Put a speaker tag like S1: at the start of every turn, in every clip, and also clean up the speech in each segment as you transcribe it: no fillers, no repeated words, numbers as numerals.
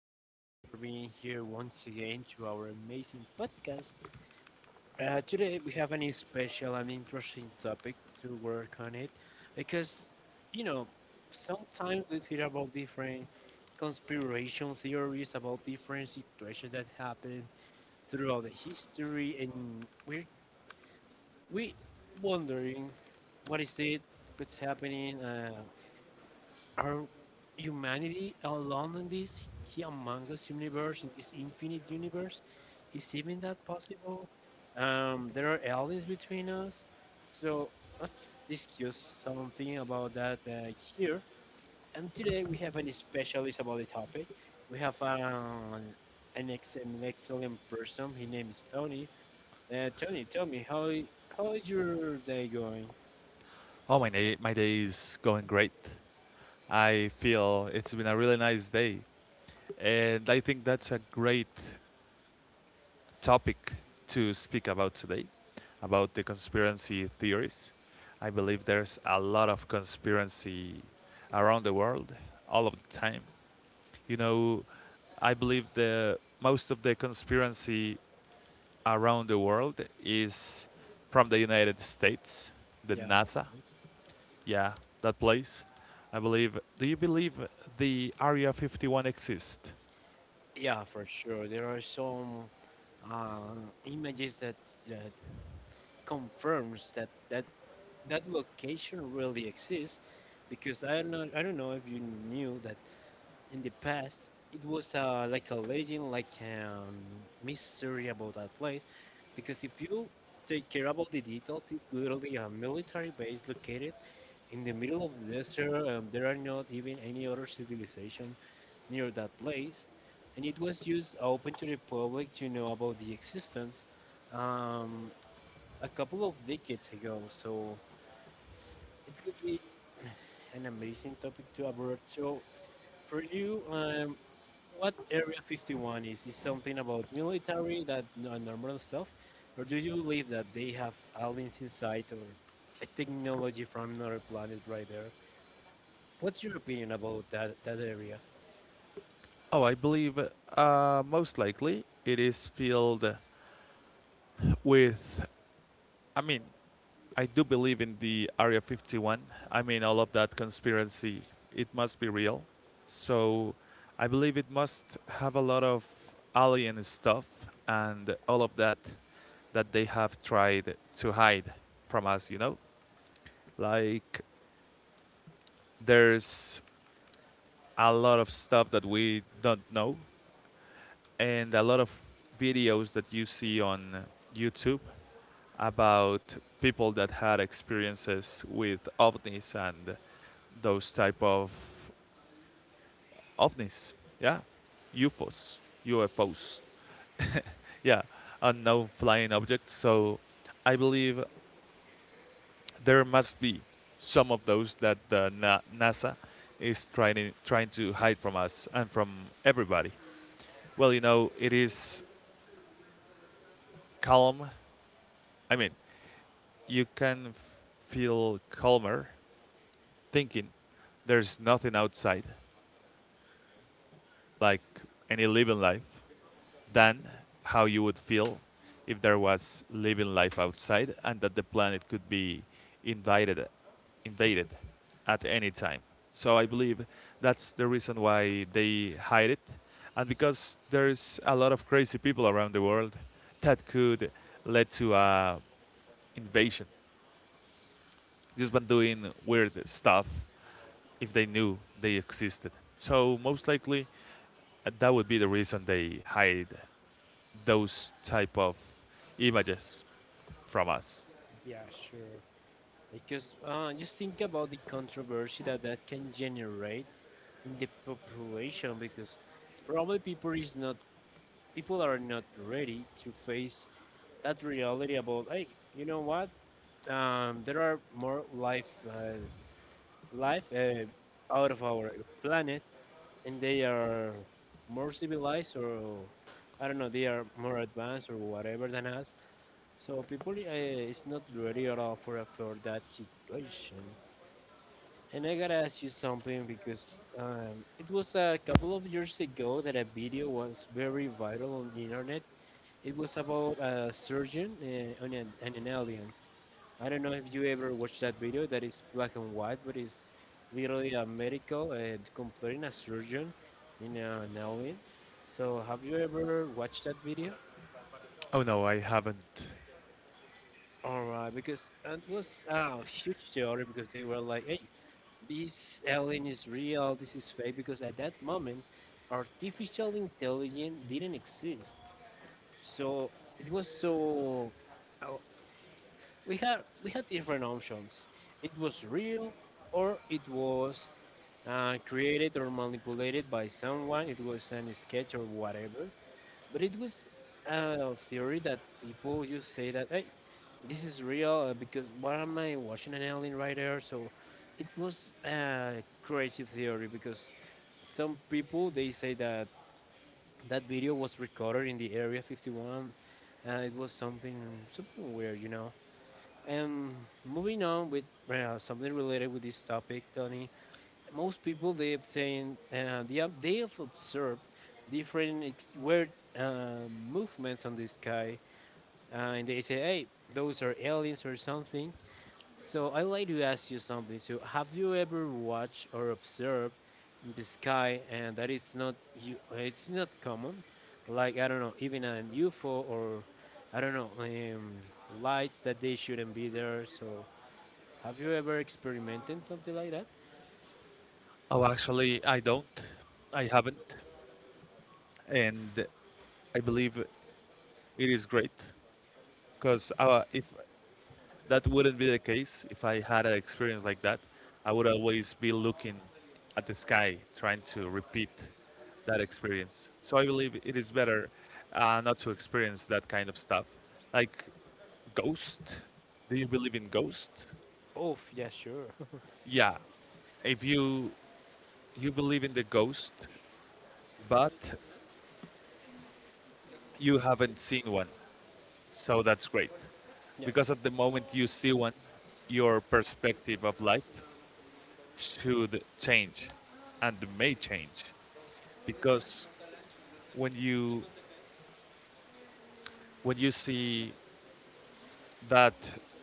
S1: you so much for being here once again to our amazing podcast. Today we have a special and interesting topic to work on it because, you know, sometimes we hear about different conspiration theories about different situations that happen throughout the history, and we're we wondering what is it, what's happening. Are humanity alone in this he among us universe, in this infinite universe? Is even that possible? There are aliens between us, so let's discuss something about that here. And today we have an specialist about the topic. We have an excellent, excellent person. His name is Tony. Tony, tell me how is your day going?
S2: Oh, my day is going great. I feel it's been a really nice day. And I think that's a great topic to speak about today about the conspiracy theories. I believe there's a lot of conspiracy around the world all of the time. You know, I believe the most of the conspiracy around the world is from the United States, the
S1: Yeah, Mo.
S2: NASA, yeah, that place. I believe. Do you believe the Area 51 exists?
S1: Yeah, for sure. There are some uh, images that confirms that location really exists, because I don't know if you knew that in the past it was like a legend, like a mystery about that place, because if you take care about the details, it's literally a military base located in the middle of the desert. There are not even any other civilization near that place, and it was just open to the public to know about the existence um, a couple of decades ago. So it could be an amazing topic to abort, so for you, what Area 51 is? Is something about military that normal stuff, or do you believe that they have aliens inside or a technology from another planet right there? What's your opinion about that area?
S2: Oh, I believe most likely it is filled with. I mean, I do believe in the Area 51. I mean, all of that conspiracy. It must be real. So I believe it must have a lot of alien stuff and all of that that they have tried to hide from us, you know? Like, there's a lot of stuff that we don't know and a lot of videos that you see on YouTube about people that had experiences with ovnis and those type of ovnis. Yeah, UFOs, UFOs. Yeah, unknown flying objects. So I believe there must be some of those that the NASA is trying to hide from us and from everybody. Well, it is calm. I mean, you can feel calmer thinking there's nothing outside, like any living life, than how you would feel if there was living life outside and that the planet could be invaded, invaded at any time. So I believe that's the reason why they hide it, and because there's a lot of crazy people around the world that could lead to a invasion just been doing weird stuff if they knew they existed. So most likely that would be the reason they hide those type of images from us.
S1: Yeah, sure. Because just think about the controversy that can generate in the population, because probably people are not ready to face that reality about, hey, you know what? There are more life life uh, out of our planet, and they are more civilized or, I don't know, they are more advanced or whatever than us. So people is not ready at all for that situation. And I gotta ask you something because it was a couple of years ago that a video was very viral on the internet. It was about a surgeon on an alien. I don't know if you ever watched that video that is black and white, but it's literally a medical comparing a surgeon in an alien. So have you ever watched that video?
S2: Oh no, I haven't.
S1: All right, because it was a huge theory because they were like, "Hey, this alien is real. This is fake." Because at that moment, artificial intelligence didn't exist, so it was so. uh, we had different options. It was real, or it was created or manipulated by someone. It was an sketch or whatever, but it was a theory that people just say that, hey, this is real because what am I watching? An alien right there? So it was a crazy theory because some people they say that that video was recorded in the Area 51. It was something weird. And moving on with something related with this topic, Tony, most people they've seen, they have observed different weird uh, movements on the sky, and they say, hey, those are aliens or something. So I like to ask you something. So have you ever watched or observed the sky and that it's not common, like I don't know, even an ufo or I don't know, lights that they shouldn't be there? So have you ever experimented something like that?
S2: Oh, actually, I don't. I haven't, and I believe it is great because if that wouldn't be the case if I had an experience like that. I would always be looking at the sky, trying to repeat that experience. So I believe it is better not to experience that kind of stuff. Like ghost. Do you believe in ghost?
S1: Oh yeah, sure.
S2: Yeah. If you believe in the ghost, but you haven't seen one, so that's great.
S1: Yeah.
S2: Because at the moment you see one, your perspective of life should change and may change, because when you when you see that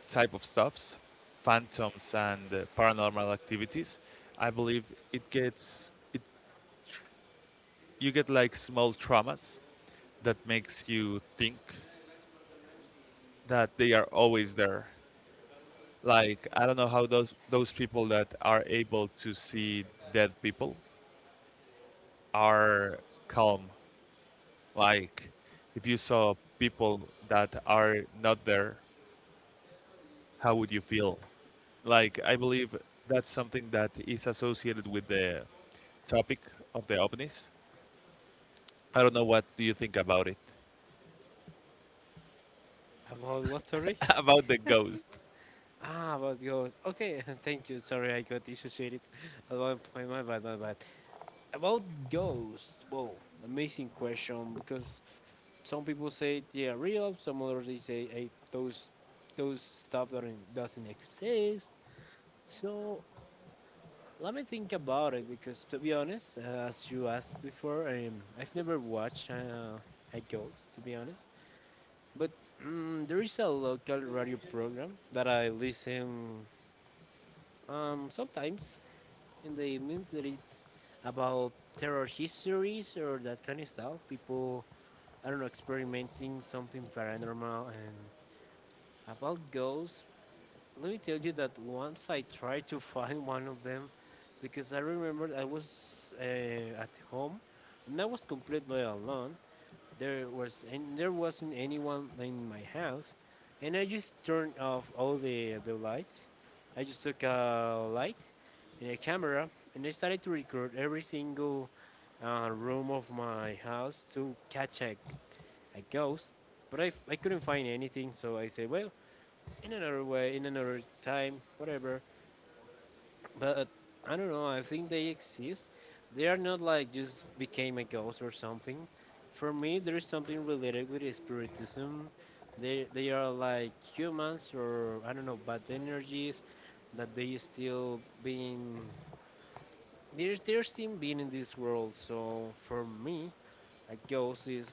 S2: type of stuffs, phantoms and paranormal activities, I believe it gets it you get like small traumas that makes you think that they are always there. Like, I don't know how those people that are able to see dead people are calm. Like, if you saw people that are not there, how would you feel? Like, I believe that's something that is associated with the topic of the ovnis. I don't know what do you think about it?
S1: About what, sorry?
S2: About the ghosts.
S1: Ah, about ghosts. Okay, thank you. Sorry, I got dissociated at one point. My bad, my bad. About ghosts. Whoa, amazing question, because some people say they are real, some others they say, hey, those stuff that doesn't exist. So let me think about it, because to be honest, as you asked before, I've never watched a ghost, to be honest, but. There is a local radio program that I listen. Sometimes in the evenings, that it's about terror histories or that kind of stuff. People, I don't know, experimenting something paranormal and about ghosts. Let me tell you that once I tried to find one of them, because I remember I was at home and I was completely alone. There wasn't anyone in my house, and I just turned off all the lights. I just took a light and a camera, and I started to record every single room of my house to catch a ghost. But I couldn't find anything, so I said, well, in another way, in another time, whatever. But I don't know. I think they exist. They are not like just became a ghost or something. For me, there is something related with spiritism. They are like humans or, I don't know, bad energies, that they're still being in this world. So for me, a ghost is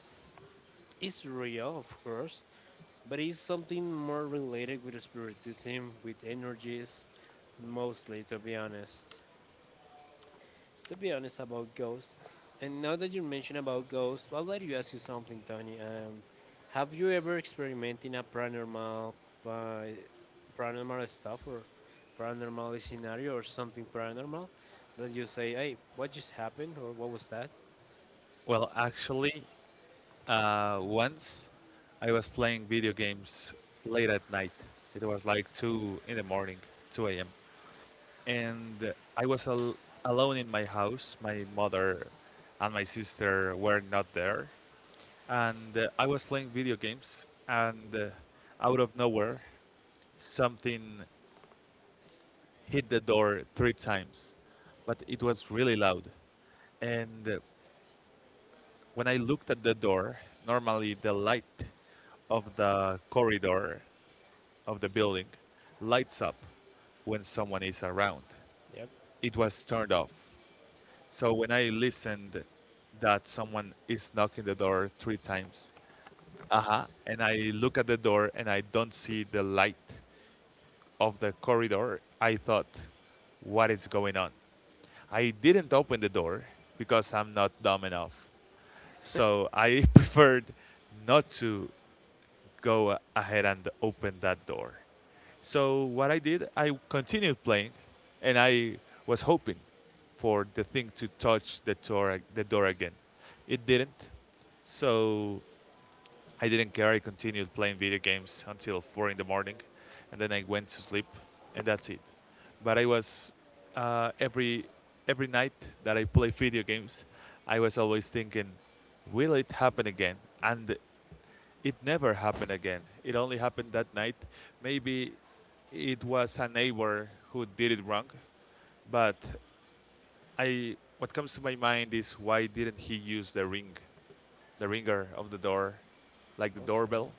S1: is real, of course, but it's something more related with spiritism, with energies, mostly to be honest about ghosts. And now that you mention about ghosts, I'll let you ask you something, Tony. Have you ever experimented in uh, paranormal stuff or paranormal scenario or something paranormal that you say, hey, what just happened or what was that?
S2: Well, actually, once I was playing video games late at night. It was like 2 in the morning, 2 a.m. And I was alone in my house. My mother and my sister were not there. And I was playing video games, and out of nowhere, something hit the door three times, but it was really loud. And when I looked at the door, normally the light of the corridor of the building lights up when someone is around.
S1: Yep.
S2: It was turned off. So when I listened that someone is knocking the door three times, uh huh, and I look at the door and I don't see the light of the corridor, I thought, what is going on? I didn't open the door because I'm not dumb enough. So I preferred not to go ahead and open that door. So what I did, I continued playing and I was hoping for the thing to touch the door again. It didn't. So I didn't care. I continued playing video games until 4 in the morning, and then I went to sleep, and that's it. But I was uh, every every night that I play video games, I was always thinking, will it happen again? And it never happened again. It only happened that night. Maybe it was a neighbor who did it wrong, but I what comes to my mind is, why didn't he use the ring? The ringer of the door, like the doorbell.
S1: Okay.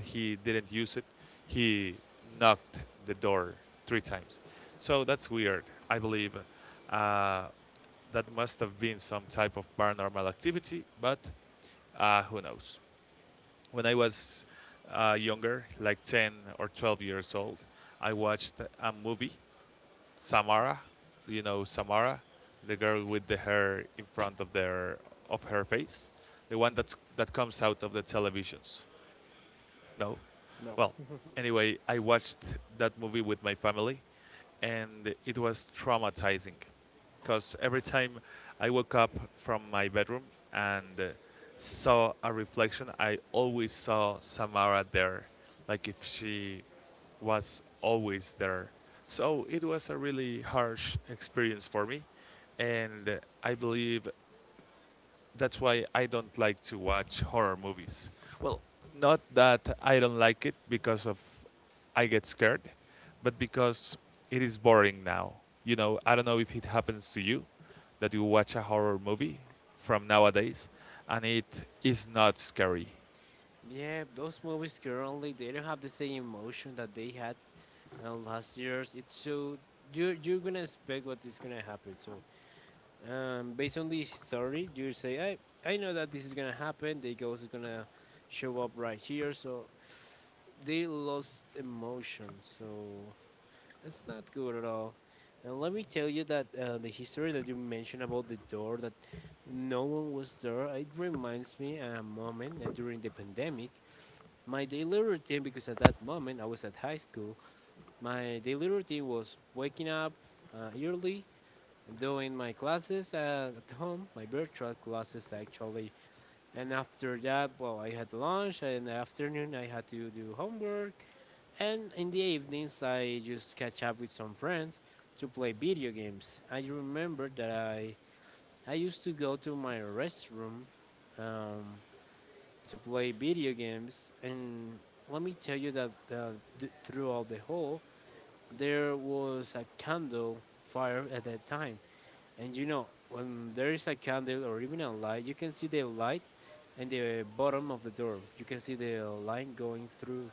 S2: He didn't use it. He knocked the door three times. So that's weird. I believe uh, that must have been some type of paranormal activity, but who knows? When I was younger, like 10 or 12 years old, I watched a movie, Samara. You know Samara, the girl with the hair in front of her face, the one that comes out of the televisions. No. Well, anyway, I watched that movie with my family and it was traumatizing because every time I woke up from my bedroom and saw a reflection, I always saw Samara there, like if she was always there. So it was a really harsh experience for me, and I believe that's why I don't like to watch horror movies. Well, not that I don't like it because of I get scared, but because it is boring now. I don't know if it happens to you that you watch a horror movie from nowadays and it is not scary.
S1: Yeah, those movies currently they don't have the same emotion that they had last years. It's so you're gonna expect what is gonna happen. So based on this story, you say, I know that this is gonna happen. The ghost is gonna show up right here. So they lost emotion. So it's not good at all. And let me tell you that the history that you mentioned about the door, that no one was there, it reminds me a moment during the pandemic. My daily routine, because at that moment I was at high school, my daily routine was waking up early, doing my classes at home, my virtual classes actually. And after that, well, I had lunch, and in the afternoon, I had to do homework. And in the evenings, I just catch up with some friends to play video games. I remember that I used to go to my restroom um, to play video games. And let me tell you that throughout the hall, there was a candle fire at that time. And you know, when there is a candle or even a light, you can see the light in the bottom of the door. You can see the line going through,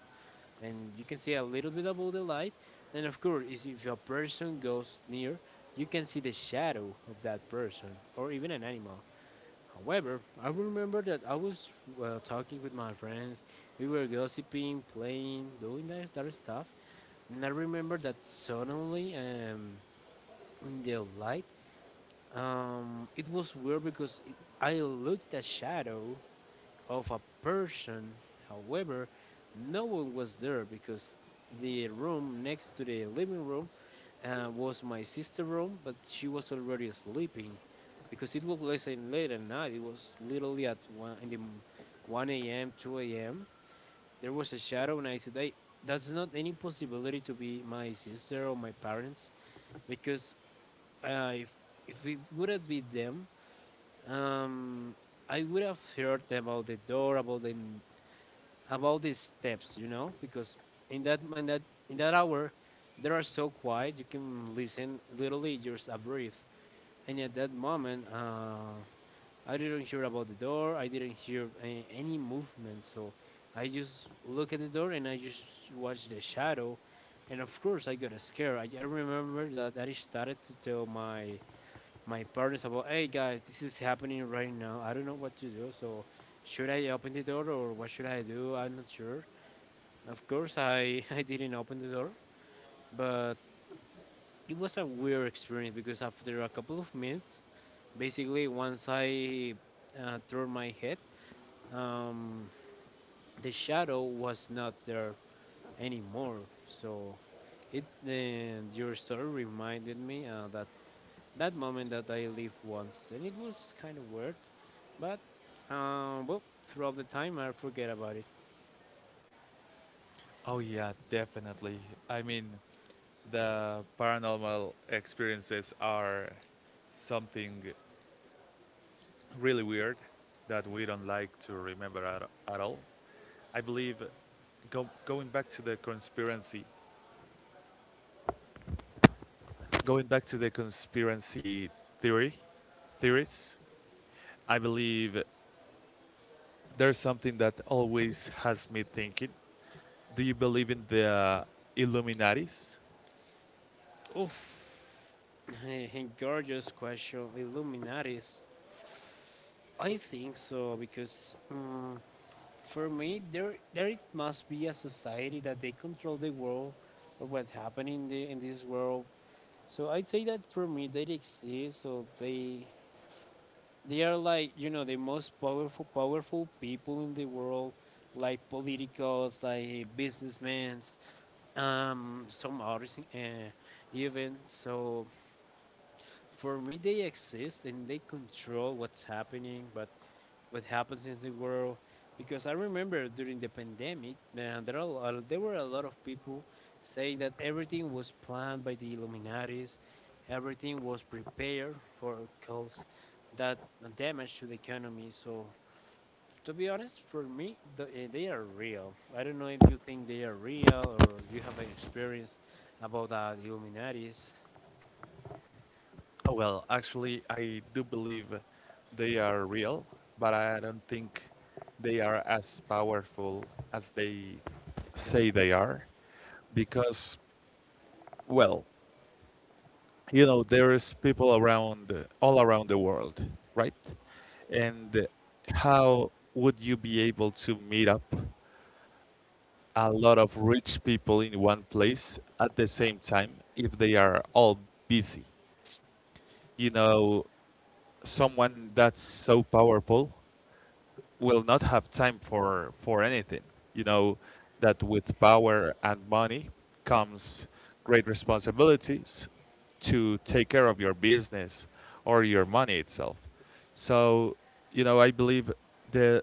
S1: and you can see a little bit above the light. And of course, is if a person goes near, you can see the shadow of that person or even an animal. However, I remember that I was, well, talking with my friends. We were gossiping, playing, doing that stuff. And I remember that suddenly, in the light, it was weird, because I looked a shadow of a person. However, no one was there because the room next to the living room was my sister's room, but she was already sleeping because it was less than late at night. It was literally at 1 a.m., 2 a.m. There was a shadow, and I said, "Hey, that's not any possibility to be my sister or my parents, because uh, if if it would have been them, um, I would have heard about the door, about the steps, you know, because in that in that in that hour, they are so quiet. You can listen literally just a breath. And at that moment, I didn't hear about the door. I didn't hear any movement. So I just look at the door and I just watch the shadow. And of course, I got scared. I remember that I started to tell my partners about, hey guys, this is happening right now. I don't know what to do. So should I open the door, or what should I do? I'm not sure. Of course, I, I didn't open the door, but it was a weird experience because after a couple of minutes, basically, once I turned my head, um, the shadow was not there anymore. So it your story reminded me that moment that I lived once, and it was kind of weird, but well, throughout the time I forget about it.
S2: Oh yeah, definitely. I mean, the paranormal experiences are something really weird that we don't like to remember at all. I believe, going back to the conspiracy theory, theories. I believe there's something that always has me thinking. Do you believe in the Illuminatis?
S1: Oof, and gorgeous question, Illuminatis. I think so, because for me there it must be a society that they control the world or what happened in this world. So I'd say that for me they exist, so they are like, the most powerful, powerful people in the world, like politicals, like businessmen, some others even. So for me, they exist and they control what's happening. But what happens in the world, because I remember during the pandemic, man, there were a lot of people saying that everything was planned by the Illuminatis, everything was prepared for cause that damage to the economy. So, to be honest, for me, they are real. I don't know if you think they are real or you have an experience about the Illuminatis.
S2: Oh, well, actually, I do believe they are real, but I don't think they are as powerful as they say they are because, well, you know there's people around all around the world, right? And how would you be able to meet up a lot of rich people in one place at the same time if they are all busy? You know, someone that's so powerful will not have time for anything. You know that with power and money comes great responsibilities to take care of your business or your money itself. So, I believe the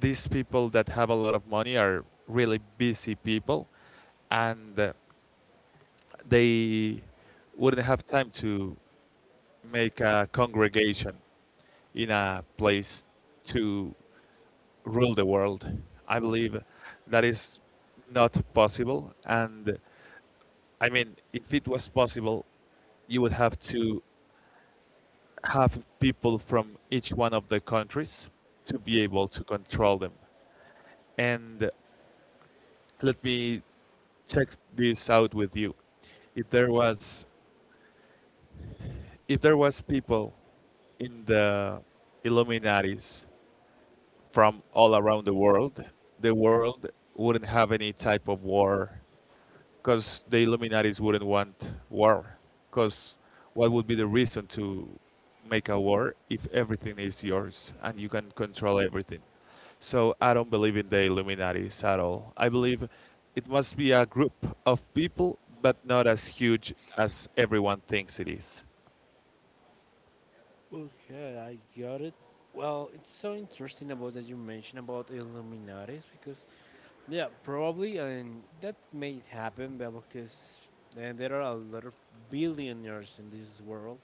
S2: these people that have a lot of money are really busy people and they wouldn't have time to make a congregation in a place to rule the world. I believe that is not possible. And I mean, if it was possible, you would have to have people from each one of the countries to be able to control them. And let me check this out with you. If there was if there was people in the Illuminatis from all around the world wouldn't have any type of war because the Illuminatis wouldn't want war. Because what would be the reason to make a war if everything is yours and you can control everything? So I don't believe in the Illuminatis at all. I believe it must be a group of people, but not as huge as everyone thinks it is.
S1: Okay, I got it. Well, it's so interesting about that you mentioned about Illuminatis, because yeah, probably, and that may happen, but because there are a lot of billionaires in this world,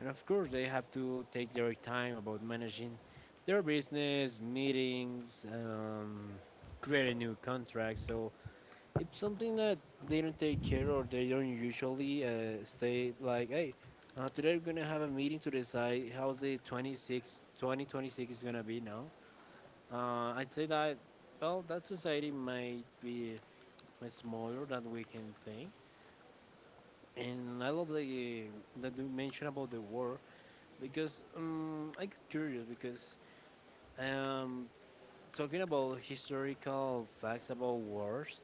S1: and of course they have to take their time about managing their business, meetings, creating new contracts. So it's something that they don't take care, or they don't usually stay like, hey, today we're gonna have a meeting to decide how's the 26, 2026 is gonna be now. I'd say that, well, that society might be smaller than we can think. And I love the that you mentioned about the war, because I get curious because um, talking about historical facts about wars,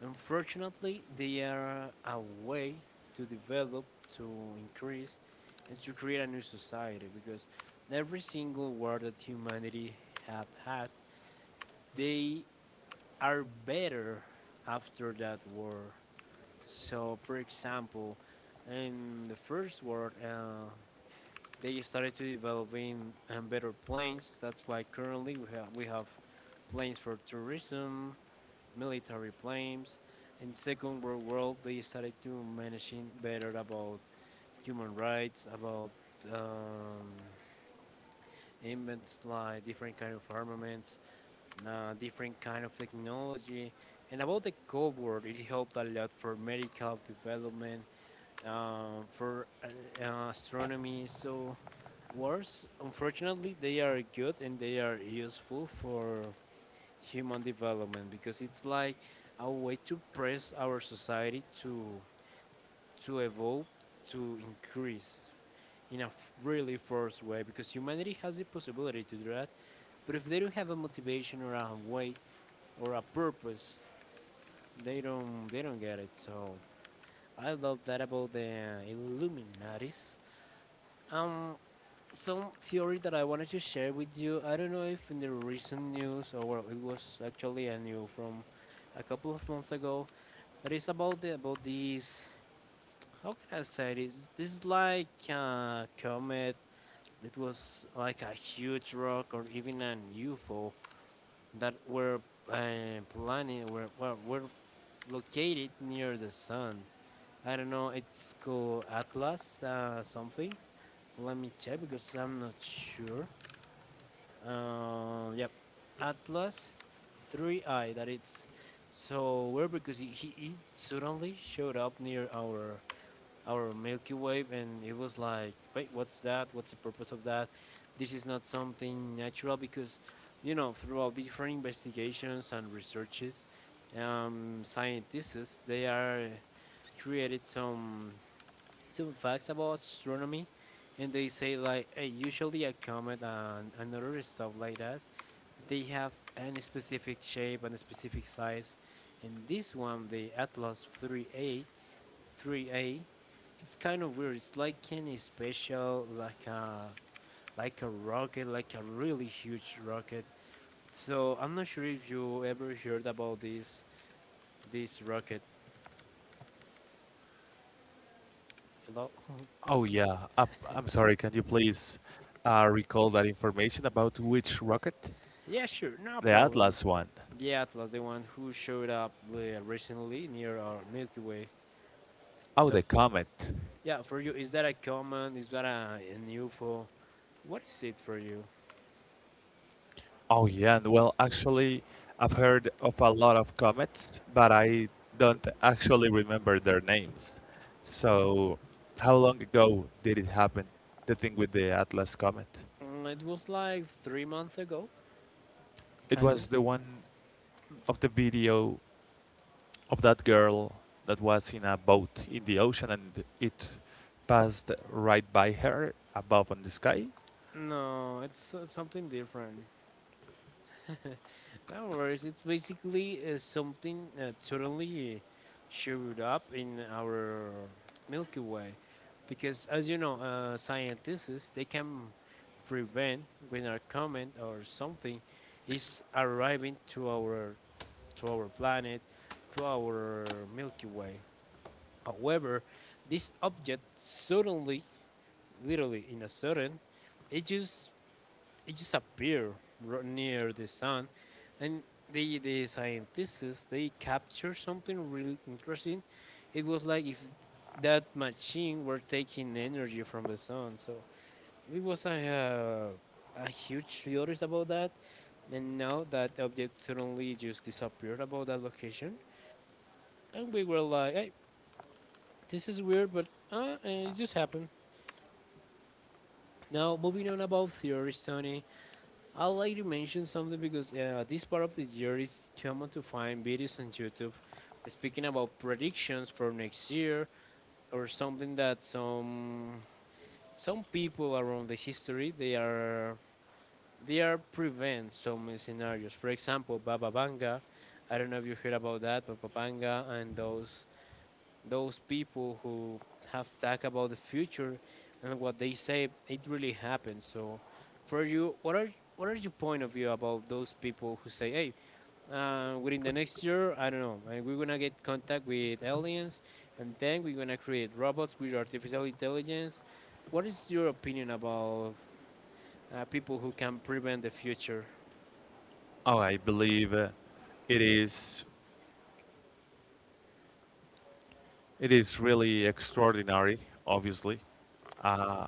S1: unfortunately, they are a way to develop, to increase, and to create a new society, because every single war that humanity have had, they are better after that war. So, for example, in the first world, they started to developing better planes. That's why currently we have planes for tourism, military planes. In second world, they started to managing better about human rights, about um, invents like different kind of armaments, different kind of technology, and about the Cold War. It helped a lot for medical development for astronomy. So wars, unfortunately, they are good and they are useful for human development, because it's like a way to press our society to evolve, to increase in a really forced way, because humanity has the possibility to do that. But if they don't have a motivation or a way or a purpose, they don't get it. So I love that about the Illuminatis. Um, some theory that I wanted to share with you. I don't know if in the recent news, or well, it was actually a new from a couple of months ago. That is about the about these. How can I say this? This is like a comet. It was like a huge rock or even an UFO that were planning were, well, were located near the sun. I don't know. It's called Atlas something. Let me check because I'm not sure. Yep. Atlas, 3I. That is so weird because he suddenly showed up near our Milky Way, and it was like, wait, what's that? What's the purpose of that? This is not something natural because, throughout different investigations and researches, scientists they are created some facts about astronomy, and they say like, hey, usually a comet and another stuff like that, they have any specific shape and a specific size. And this one, the Atlas 3A, it's kind of weird. It's like any special, like a rocket, like a really huge rocket. So I'm not sure if you ever heard about this rocket. Hello?
S2: Oh yeah, I'm sorry. Can you please recall that information about which rocket?
S1: yeah, sure, no
S2: The
S1: problem.
S2: Atlas one.
S1: The Atlas, the one who showed up recently near our Milky Way.
S2: Oh,
S1: So
S2: the comet.
S1: yeah, for you, is that a common? Is that an UFO? What is it for you?
S2: Oh yeah, and well, actually, I've heard of a lot of comets, but I don't actually remember their names. So, how long ago did it happen? The thing with the Atlas comet.
S1: Mm, it was like 3 months ago,
S2: It
S1: kinda.
S2: was the one of the video of that girl that was in a boat in the ocean and it passed right by her above in the sky.
S1: No, it's something different. no worries. It's basically something totally showed up in our Milky Way, because as you know, scientists they can prevent when our comment or something is arriving to our planet, to our Milky Way. However, this object suddenly, literally in a sudden, it just it just appeared near the sun, and the scientists they captured something really interesting. It was like if that machine were taking energy from the sun. So it was a huge theories about that. And now that object suddenly just disappeared about that location, and we were like, hey, this is weird, but it just happened. Now, moving on about theories, Tony, I'd like to mention something because this part of the year is common to find videos on YouTube speaking about predictions for next year, or something that some people around the history they are prevent some scenarios. For example, Baba Vanga. I don't know if you heard about that, Baba Vanga and those people who have talked about the future, and what they say it really happens. So for you, what are your point of view about those people who say, hey, within the next year, I don't know, we're gonna get contact with aliens, and then we're gonna create robots with artificial intelligence. What is your opinion about people who can prevent the future?
S2: Oh, I believe it is it is really extraordinary, obviously. Uh,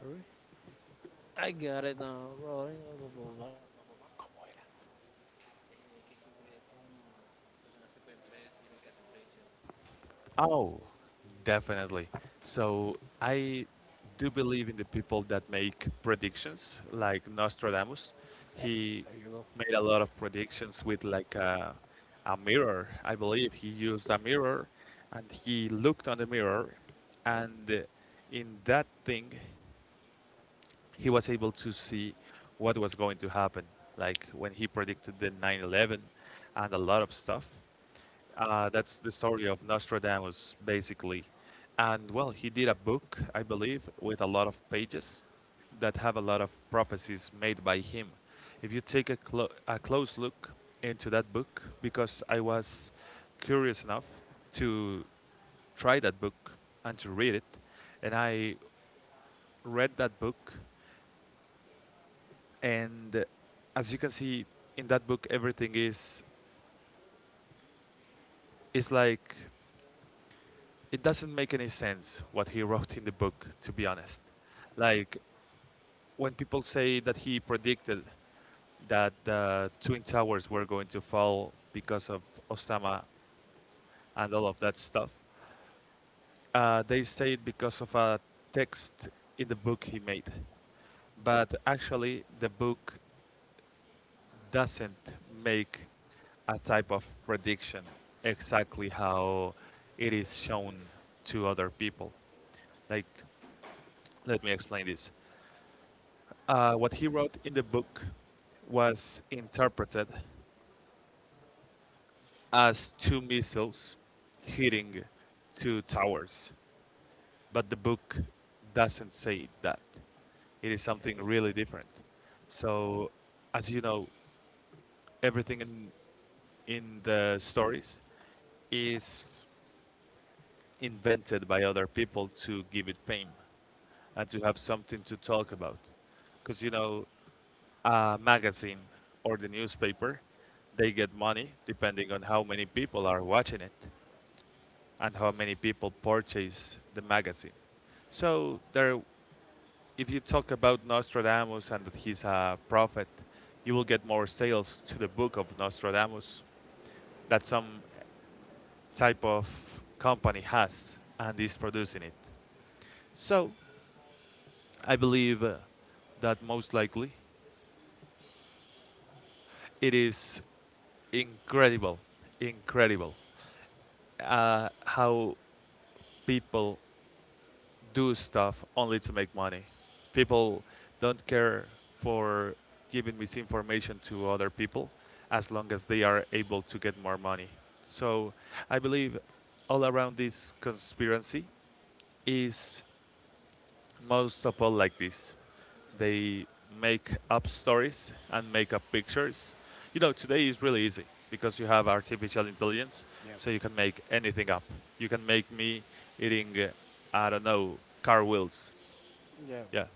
S1: Sorry? I got it now, rolling blah, blah, blah, blah.
S2: Oh, definitely. So I do believe in the people that make predictions, like Nostradamus.
S1: Eh,
S2: He
S1: there you go.
S2: made a lot of predictions with like a mirror. I believe he used a mirror and he looked on the mirror, and in that thing, he was able to see what was going to happen. Like when he predicted the 9/11 and a lot of stuff. That's the story of Nostradamus, basically. And well, he did a book, I believe, with a lot of pages that have a lot of prophecies made by him. If you take a close look into that book, because I was curious enough to try that book and to read it, and I read that book, and as you can see in that book, everything is like it doesn't make any sense what he wrote in the book, to be honest. Like when people say that he predicted that the Twin Towers were going to fall because of Osama and all of that stuff, they say it because of a text in the book he made. But actually, the book doesn't make a type of prediction exactly how it is shown to other people. Like, let me explain this. What he wrote in the book was interpreted as two missiles hitting two towers, but the book doesn't say that. It is something
S1: Okay.
S2: really different. So, as you know, everything in the stories is invented by other people to give it fame and to have something to talk about. Because, a magazine or the newspaper, they get money depending on how many people are watching it and how many people purchase the magazine. So there, if you talk about Nostradamus and that he's a prophet, you will get more sales to the book of Nostradamus that some type of company has and is producing it. So I believe that most likely it is incredible, incredible how people do stuff only to make money. People don't care for giving misinformation to other people as long as they are able to get more money. So I believe all around this conspiracy is most of all like this. They make up stories and make up pictures. Today is really easy because you have artificial intelligence,
S1: Yep.
S2: so you can make anything up. You can make me eating, I don't know, car wheels,
S1: Yeah,
S2: yeah,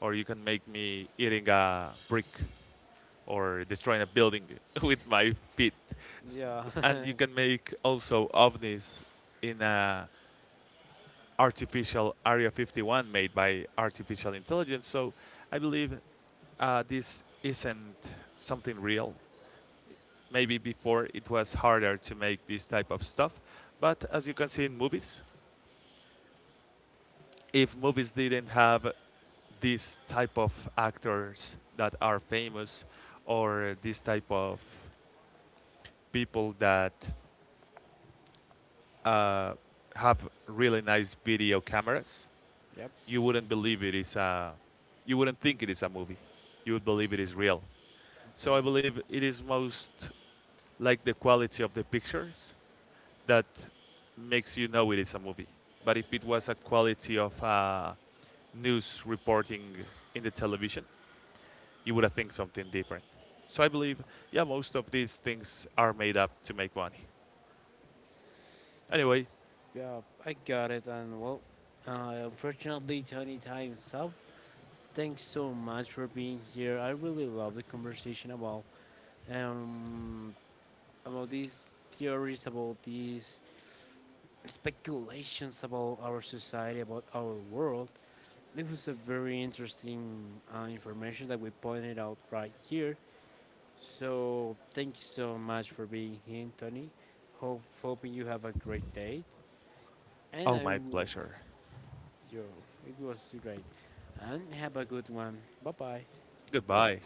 S2: or you can make me eating a brick or destroying a building with my feet,
S1: yeah.
S2: and you can make also ovnis in a artificial Area 51 made by artificial intelligence. So I believe this isn't something real. Maybe before it was harder to make this type of stuff, but as you can see in movies, if movies didn't have this type of actors that are famous or this type of people that uh, have really nice video cameras,
S1: Yep.
S2: you wouldn't believe it is a, you wouldn't think it is a movie. You would believe it is real. So I
S1: Okay.
S2: believe it is most like the quality of the pictures that makes you know it is a movie. But if it was a quality of news reporting in the television, you would have think something different. So I believe, yeah, most of these things are made up to make money. Anyway,
S1: Yeah, I got it. And well, unfortunately, Tony, time's up. Thanks so much for being here. I really love the conversation um about these theories, about these speculations about our society, about our world. It was a very interesting information that we pointed out right here. So thank you so much for being here, Tony. Hope hoping you have a great day, and
S2: oh,
S1: I
S2: my pleasure.
S1: Yo, it was great. And have a good one. Bye bye.
S2: Goodbye.